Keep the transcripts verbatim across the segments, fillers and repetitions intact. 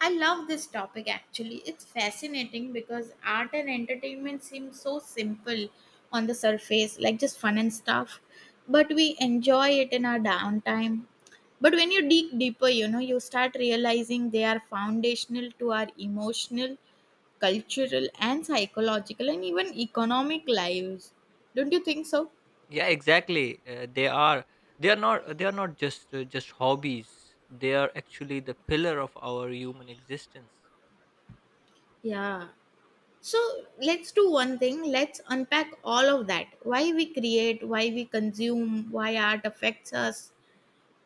I love this topic actually. It's fascinating because art and entertainment seem so simple on the surface, like just fun and stuff, but we enjoy it in our downtime. But when you dig deeper, you know, you start realizing they are foundational to our emotional, cultural, and psychological, and even economic lives. Don't you think so? Yeah, exactly. Uh, they are they are not they are not just uh, just hobbies. They are actually the pillar of our human existence. Yeah. So let's do one thing. Let's unpack all of that. Why we create, why we consume, why art affects us,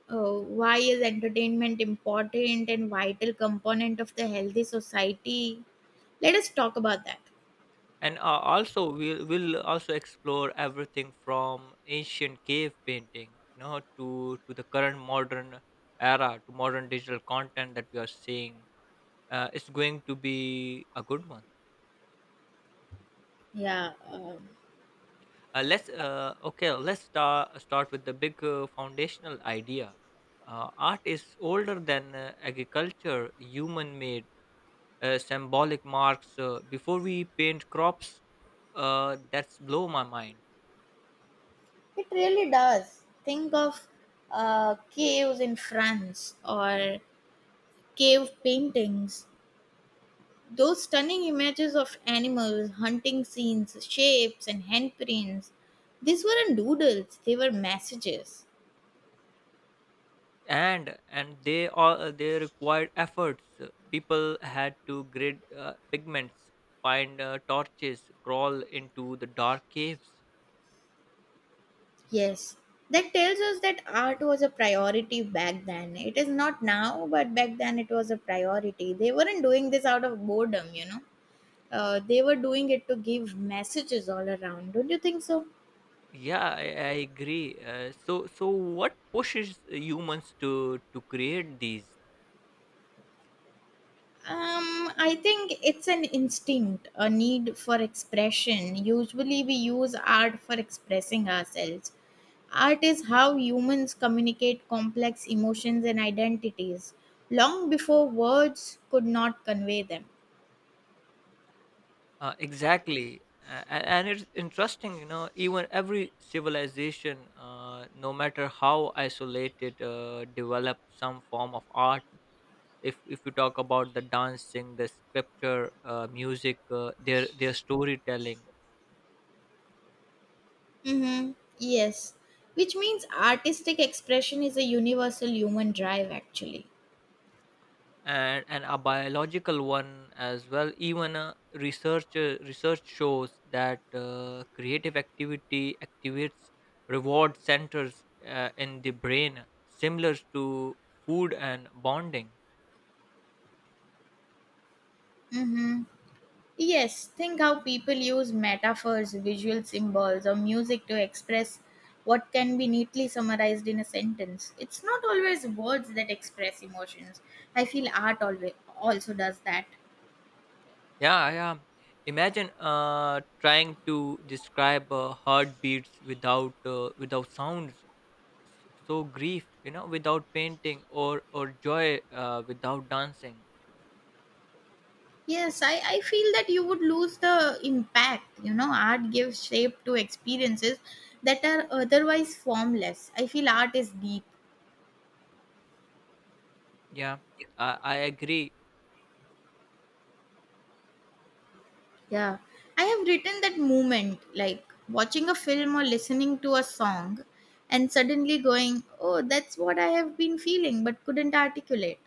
uh, why is entertainment important and vital component of the healthy society? Let us talk about that. And uh, also we'll we'll also explore everything from ancient cave painting, you know, to to the current modern era, to modern digital content that we are seeing. Uh, it's going to be a good one. Yeah, um, Uh, let's uh, okay let's start start with the big uh, foundational idea. Uh, art is older than uh, agriculture. Human made uh, symbolic marks uh, before we paint crops. Uh, that's blow my mind. it really does. Think of uh, caves in France or cave paintings. Those stunning images of animals, hunting scenes, shapes, and handprints, these weren't doodles, they were messages. And and they all uh, they required efforts. Uh, people had to grid uh, pigments, find uh, torches, crawl into the dark caves. Yes, that tells us that art was a priority back then. It is not now, but back then it was a priority. They weren't doing this out of boredom. You know. Uh, they were doing it to give messages all around. Don't you think so? Yeah, I, I agree. Uh, so, so what pushes humans to to create these? Um, I think it's an instinct, a need for expression. Usually, we use art for expressing ourselves. Art is how humans communicate complex emotions and identities long before words could not convey them. Uh, exactly. Uh, and, and it's interesting, you know. Even every civilization, uh, no matter how isolated, uh, develop some form of art. If if you talk about the dancing, the scripture, uh, music, uh, their their storytelling. Mm-hmm. Yes, which means artistic expression is a universal human drive, actually. And, and a biological one as well. Even a research uh, research shows that uh, creative activity activates reward centers uh, in the brain, similar to food and bonding. Mm-hmm. Yes, think how people use metaphors, visual symbols, or music to express what can be neatly summarized in a sentence. It's not always words that express emotions. I feel art always also does that. Yeah yeah Imagine uh, trying to describe uh, heartbeats without uh, without sounds. S- so grief, you know, without painting, or or joy uh, without dancing. Yes, I, I feel that you would lose the impact. You know, art gives shape to experiences that are otherwise formless. I feel art is deep. yeah I, I agree. Yeah, I have written that moment, like watching a film or listening to a song, and suddenly going, "Oh, that's what I have been feeling, but couldn't articulate."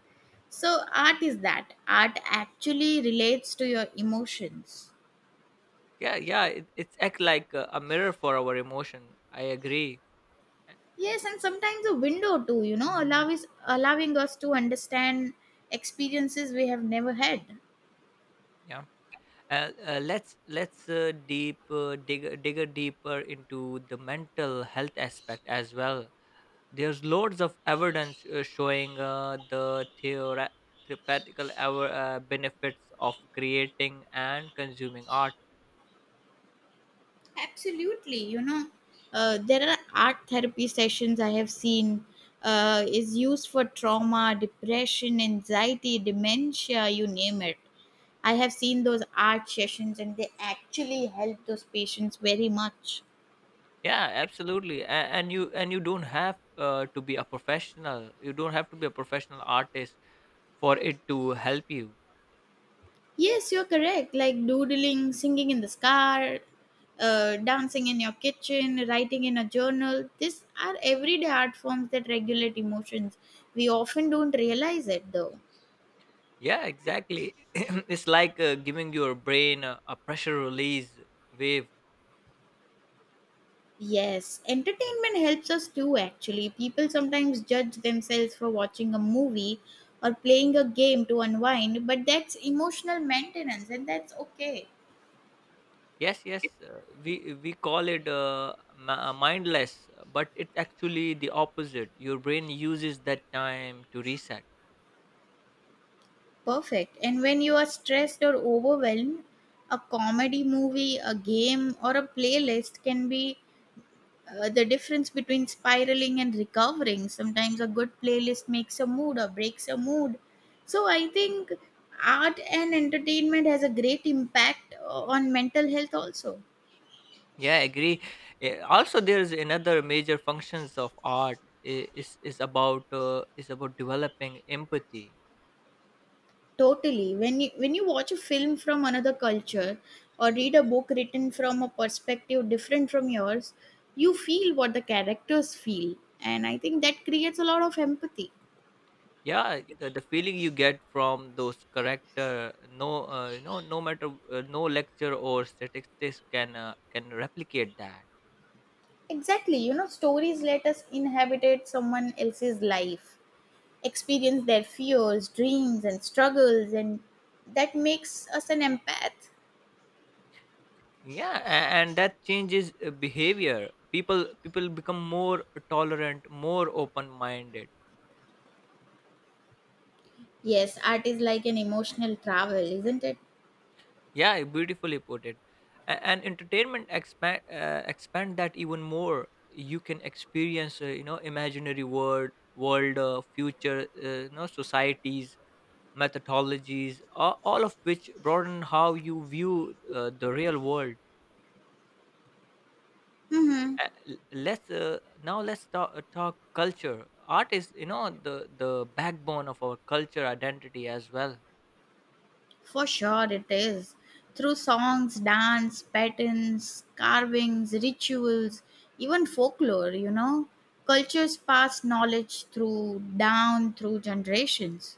So, art is that. Art actually relates to your emotions. Yeah yeah it, it's act like a, a mirror for our emotion, I agree. Yes, and sometimes a window too, you know, allow is, allowing us to understand experiences we have never had. Yeah uh, uh, let's let's uh, deep uh, dig dig a deeper into the mental health aspect as well. There's loads of evidence uh, showing uh, the theora- theoretical our uh, benefits of creating and consuming art. Absolutely. You know, uh, There are art therapy sessions I have seen uh, is used for trauma, depression, anxiety, dementia, you name it. I have seen those art sessions and they actually help those patients very much. Yeah, absolutely. And, and you and you don't have uh, to be a professional you don't have to be a professional artist for it to help you. Yes, you're correct. Like doodling, singing in the car, uh, dancing in your kitchen, writing in a journal. These are everyday art forms that regulate emotions. We often don't realize it though. Yeah, exactly. It's like uh, giving your brain a, a pressure release wave. Yes, entertainment helps us too, actually. People sometimes judge themselves for watching a movie or playing a game to unwind, but that's emotional maintenance and that's okay. Yes, yes. Uh, we we call it uh, mi- uh, mindless, but it's actually the opposite. Your brain uses that time to reset. Perfect. And when you are stressed or overwhelmed, a comedy movie, a game, or a playlist can be Uh, the difference between spiraling and recovering. Sometimes a good playlist makes a mood or breaks a mood. So I think art and entertainment has a great impact uh, on mental health also. yeah I agree. Eh, also there is another major functions of art i- is is about uh, is about developing empathy. Totally. When you when you watch a film from another culture or read a book written from a perspective different from yours, you feel what the characters feel. And I think that creates a lot of empathy. Yeah, the, the feeling you get from those character, no uh, you know no matter uh, no lecture or statistics can uh, can replicate that. Exactly. You know, stories let us inhabitate someone else's life, experience their fears, dreams, and struggles, and that makes us an empath. Yeah, a- and that changes uh, behavior. People people become more tolerant, more open minded. Yes, art is like an emotional travel, isn't it? Yeah, beautifully put it. A- And entertainment expand uh, expand that even more. You can experience, uh, you know, imaginary world, world, uh, future, uh, you know, societies, methodologies, all, all of which broaden how you view uh, the real world. Mm-hmm. Uh, l- Let's uh, now let's talk, uh, talk culture. Art is, you know, the the backbone of our culture identity as well. For sure, it is. Through songs, dance, patterns, carvings, rituals, even folklore, you know, cultures pass knowledge through down through generations.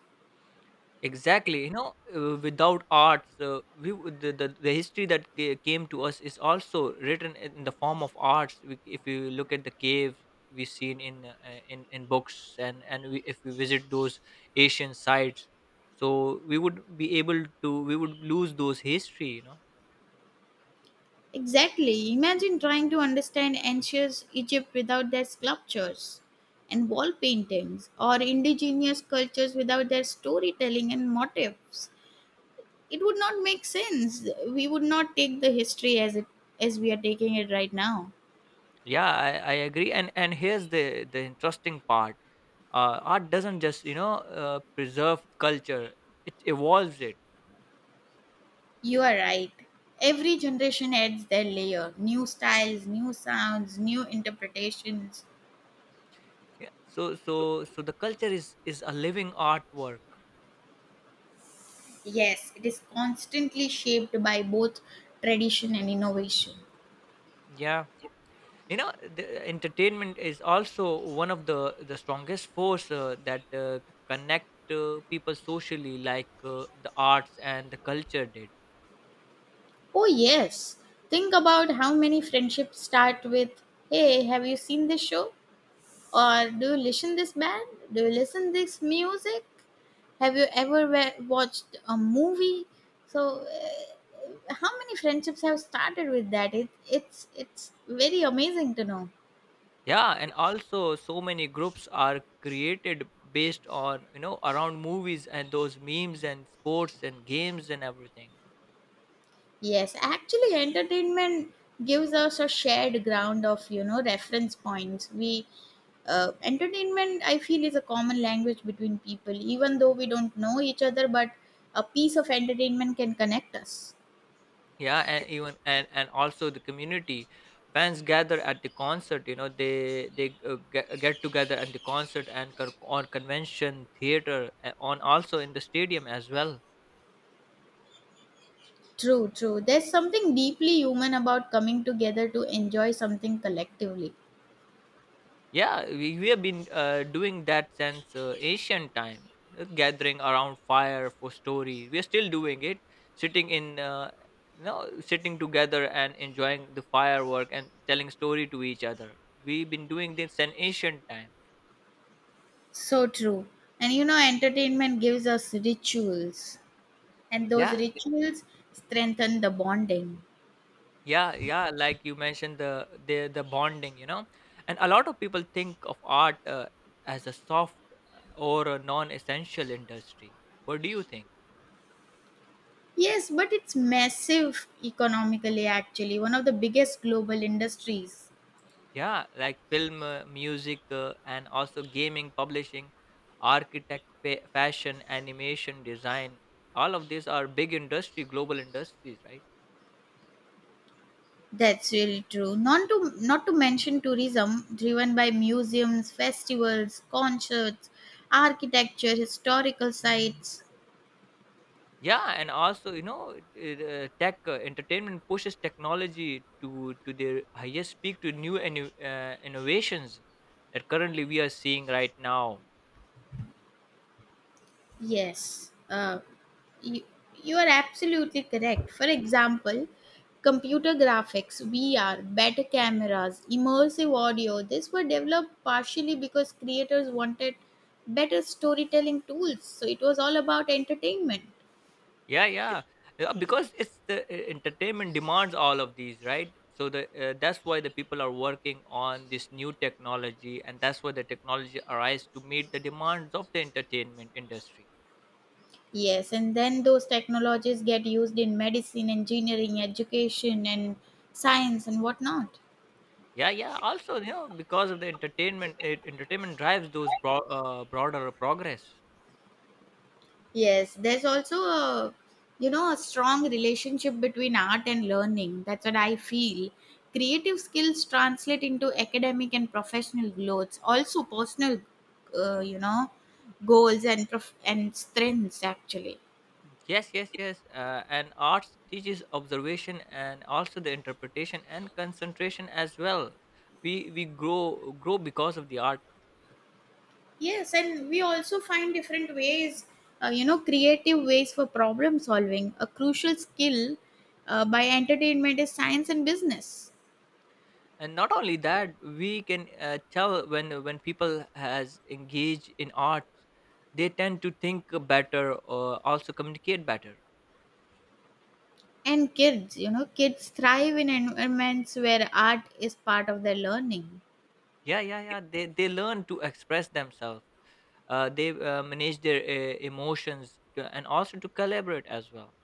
Exactly, you know, uh, without arts, uh, we would- the, the the history that ca- came to us is also written in the form of arts. We, if you look at the caves we seen in uh, uh, in in books, and and we, if we visit those Asian sites, so we would be able to we would lose those history, you know. Exactly. Imagine trying to understand ancient Egypt without their sculptures and wall paintings, or indigenous cultures without their storytelling and motifs. It would not make sense. We would not take the history as it, as we are taking it right now. yeah i, I agree. And and here's the the interesting part. Uh, art doesn't just, you know, uh, preserve culture, it evolves it. You are right. Every generation adds their layer, new styles, new sounds, new interpretations. Yeah. so so so the culture is is a living artwork. Yes, it is constantly shaped by both tradition and innovation. Yeah, you know, the entertainment is also one of the the strongest force uh, that uh, connect uh, people socially, like uh, the arts and the culture did. Oh, yes. Think about how many friendships start with, "Hey, have you seen this show? Or do you listen this band? Do you listen this music? Have you ever wa- watched a movie?" So, uh, how many friendships have started with that? It, it's it's very amazing to know. Yeah, and also so many groups are created based on, you know, around movies and those memes and sports and games and everything. Yes, actually, entertainment gives us a shared ground of, you know, reference points. We uh, Entertainment, I feel, is a common language between people, even though we don't know each other. But a piece of entertainment can connect us. yeah and even and and also the community, fans gather at the concert, you know, they they uh, get, get together at the concert, and con- on convention, theater, uh, on also in the stadium as well. True, true. There's something deeply human about coming together to enjoy something collectively. Yeah, we, we have been uh, doing that since uh, ancient time, you know. Gathering around fire for stories, we're still doing it. Sitting in uh, you know sitting together and enjoying the firework and telling story to each other. We've been doing this since ancient time. So true. And you know, entertainment gives us rituals, and those yeah rituals strengthen the bonding. yeah yeah like you mentioned, the the the bonding, you know, and a lot of people think of art uh, as a soft or a non-essential industry. What do you think? Yes, but it's massive economically actually, one of the biggest global industries. Yeah, like film, uh, music, uh, and also gaming, publishing, architect, fa- fashion, animation, design. All of these are big industry, global industries, right? That's really true. Not to not to mention tourism driven by museums, festivals, concerts, architecture, historical sites. Yeah, and also, you know, it- it, uh, tech, uh, entertainment pushes technology to to their highest peak, to new inno- uh, innovations that currently we are seeing right now. Yes, uh, you, you are absolutely correct. For example, computer graphics, V R, better cameras, immersive audio, these were developed partially because creators wanted better storytelling tools. So it was all about entertainment. yeah yeah Yeah, because it's the uh, entertainment demands all of these, right? So the uh, that's why the people are working on this new technology, and that's why the technology arises to meet the demands of the entertainment industry. Yes, and then those technologies get used in medicine, engineering, education, and science and whatnot. Yeah yeah Also, you know, because of the entertainment, it, entertainment drives those bro- uh, broader progress. Yes, there's also a, you know, a strong relationship between art and learning. That's what I feel. Creative skills translate into academic and professional growth, also personal, uh, you know, goals and prof- and strengths actually. Yes, yes, yes. Uh, and arts teaches observation and also the interpretation and concentration as well. We we grow grow because of the art. Yes, and we also find different ways, uh, you know, creative ways for problem solving. A crucial skill uh, by entertainment is science and business. And not only that, we can uh, tell when when people has engaged in arts, they tend to think better or also communicate better. And kids, you know, kids thrive in environments where art is part of their learning. Yeah, yeah, yeah. They they learn to express themselves. Uh, they uh, manage their uh, emotions to, and also to collaborate as well.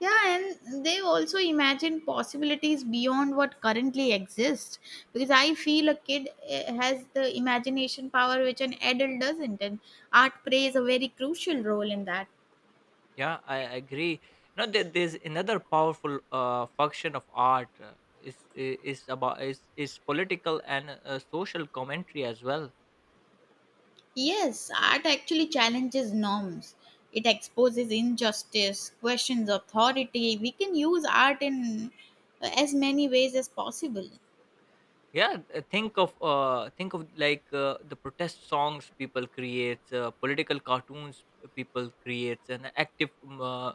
Yeah, and they also imagine possibilities beyond what currently exists. Because I feel a kid, eh, has the imagination power which an adult doesn't, and art plays a very crucial role in that. Yeah, I agree. You know, there, there's another powerful uh, function of art uh, is I- is about, is is political and uh, social commentary as well. Yes, art actually challenges norms. It exposes injustice, questions authority. We can use art in, eh, as many ways as possible. Yeah, uh, think of uh, think of like uh, the protest songs people create, uh, political cartoons people create, and active um, uh,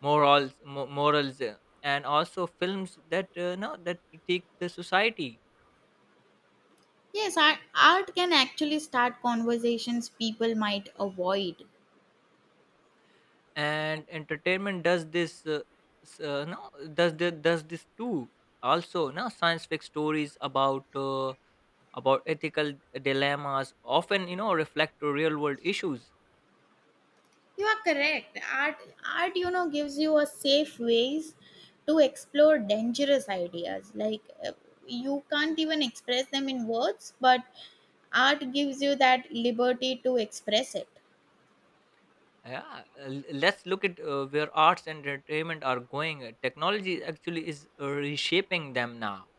morals mo- morals, uh, and also films that uh, no that critique the society. Yes, art, art can actually start conversations people might avoid. And entertainment does this, uh, s- uh, no does the, does this too. Also now science fiction stories about uh, about ethical dilemmas often, you know, reflect to real world issues. You are correct. Art, art, you know, gives you a safe ways to explore dangerous ideas. Like uh, you can't even express them in words, but art gives you that liberty to express it. Yeah uh, l- let's look at uh, where arts and entertainment are going. Uh, technology actually is uh, reshaping them now.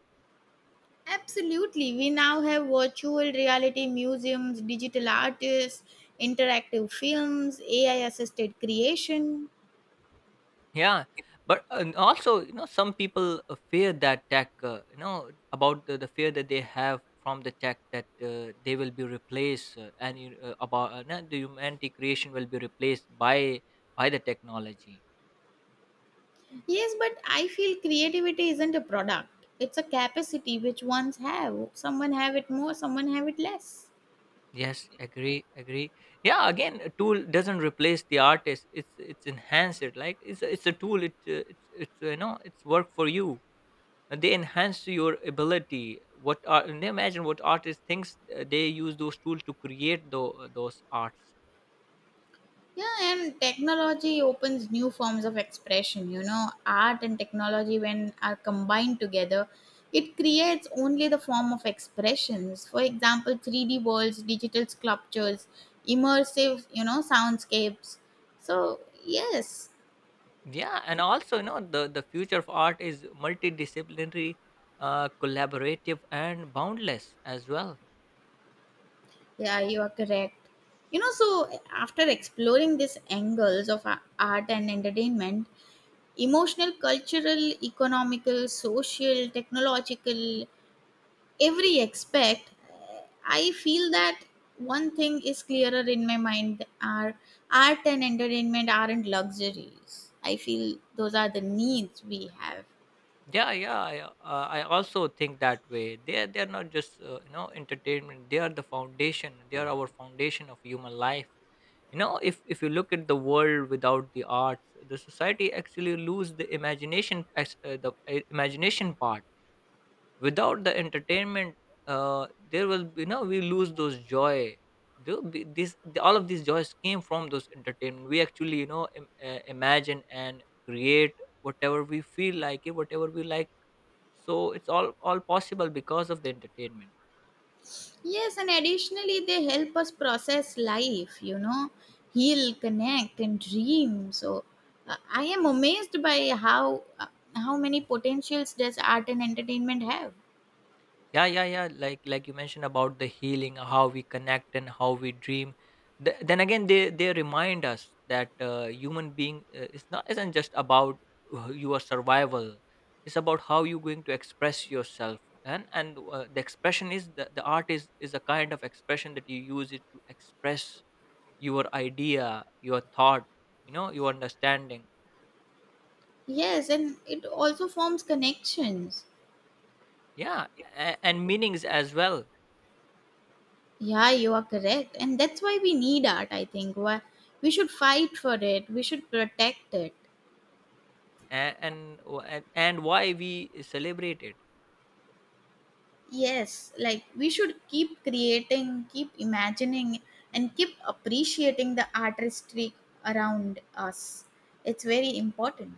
Absolutely. We now have virtual reality museums, digital artists, interactive films, A I assisted creation. Yeah, but and also, you know, some people uh, fear that tech, uh, you know about the, the fear that they have from the tech, that uh, they will be replaced, uh, and you- uh, about uh, no, the humanity creation will be replaced by by the technology. Yes, but I feel creativity isn't a product. It's a capacity which ones have. Someone have it more, someone have it less. Yes agree agree Yeah, again, a tool doesn't replace the artist, it's it's enhance it. Like it's a, it's a tool. It uh, it's it's uh, You know, it's work for you, and they enhance your ability. What are and imagine what artist thinks, uh, they use those tools to create tho- those arts. Yeah, and technology opens new forms of expression. You know, art and technology when are combined together, it creates only the form of expressions. For example, three D worlds, digital sculptures, immersive, you know, soundscapes. So, yes. Yeah, and also, you know, the the future of art is multidisciplinary, uh, collaborative and boundless as well. Yeah, you are correct. You know, so after exploring these angles of a- art and entertainment, emotional, cultural, economical, social, technological, every aspect, uh, I feel that one thing is clearer in my mind are art and entertainment aren't luxuries. I feel those are the needs we have. yeah yeah i, uh, I also think that way. They they're not just uh, you know entertainment, they are the foundation, they are our foundation of human life. You know, if if you look at the world without the arts, the society actually lose the imagination, as uh, the uh, imagination part. Without the entertainment, uh, there will be, you know, we lose those joy. There will be this the, all of these joys came from those entertainment. We actually, you know, Im- uh, imagine and create whatever we feel like it, whatever we like. So it's all all possible because of the entertainment. Yes, and additionally, they help us process life, you know, heal, connect, and dream. So, uh, I am amazed by how uh, how many potentials does art and entertainment have. Yeah yeah yeah like like you mentioned about the healing, how we connect and how we dream. Th- then again, they they remind us that uh, human being uh, is not isn't just about uh, your survival, it's about how you're going to express yourself. And and uh, the expression is the, the art is is a kind of expression that you use it to express your idea, your thought, you know, your understanding. Yes, and it also forms connections. Yeah, a- and meanings as well. Yeah, you are correct, and that's why we need art. I think why we should fight for it. We should protect it. A- and and and why we celebrate it. Yes, like we should keep creating, keep imagining, and keep appreciating the artistry around us. It's very important.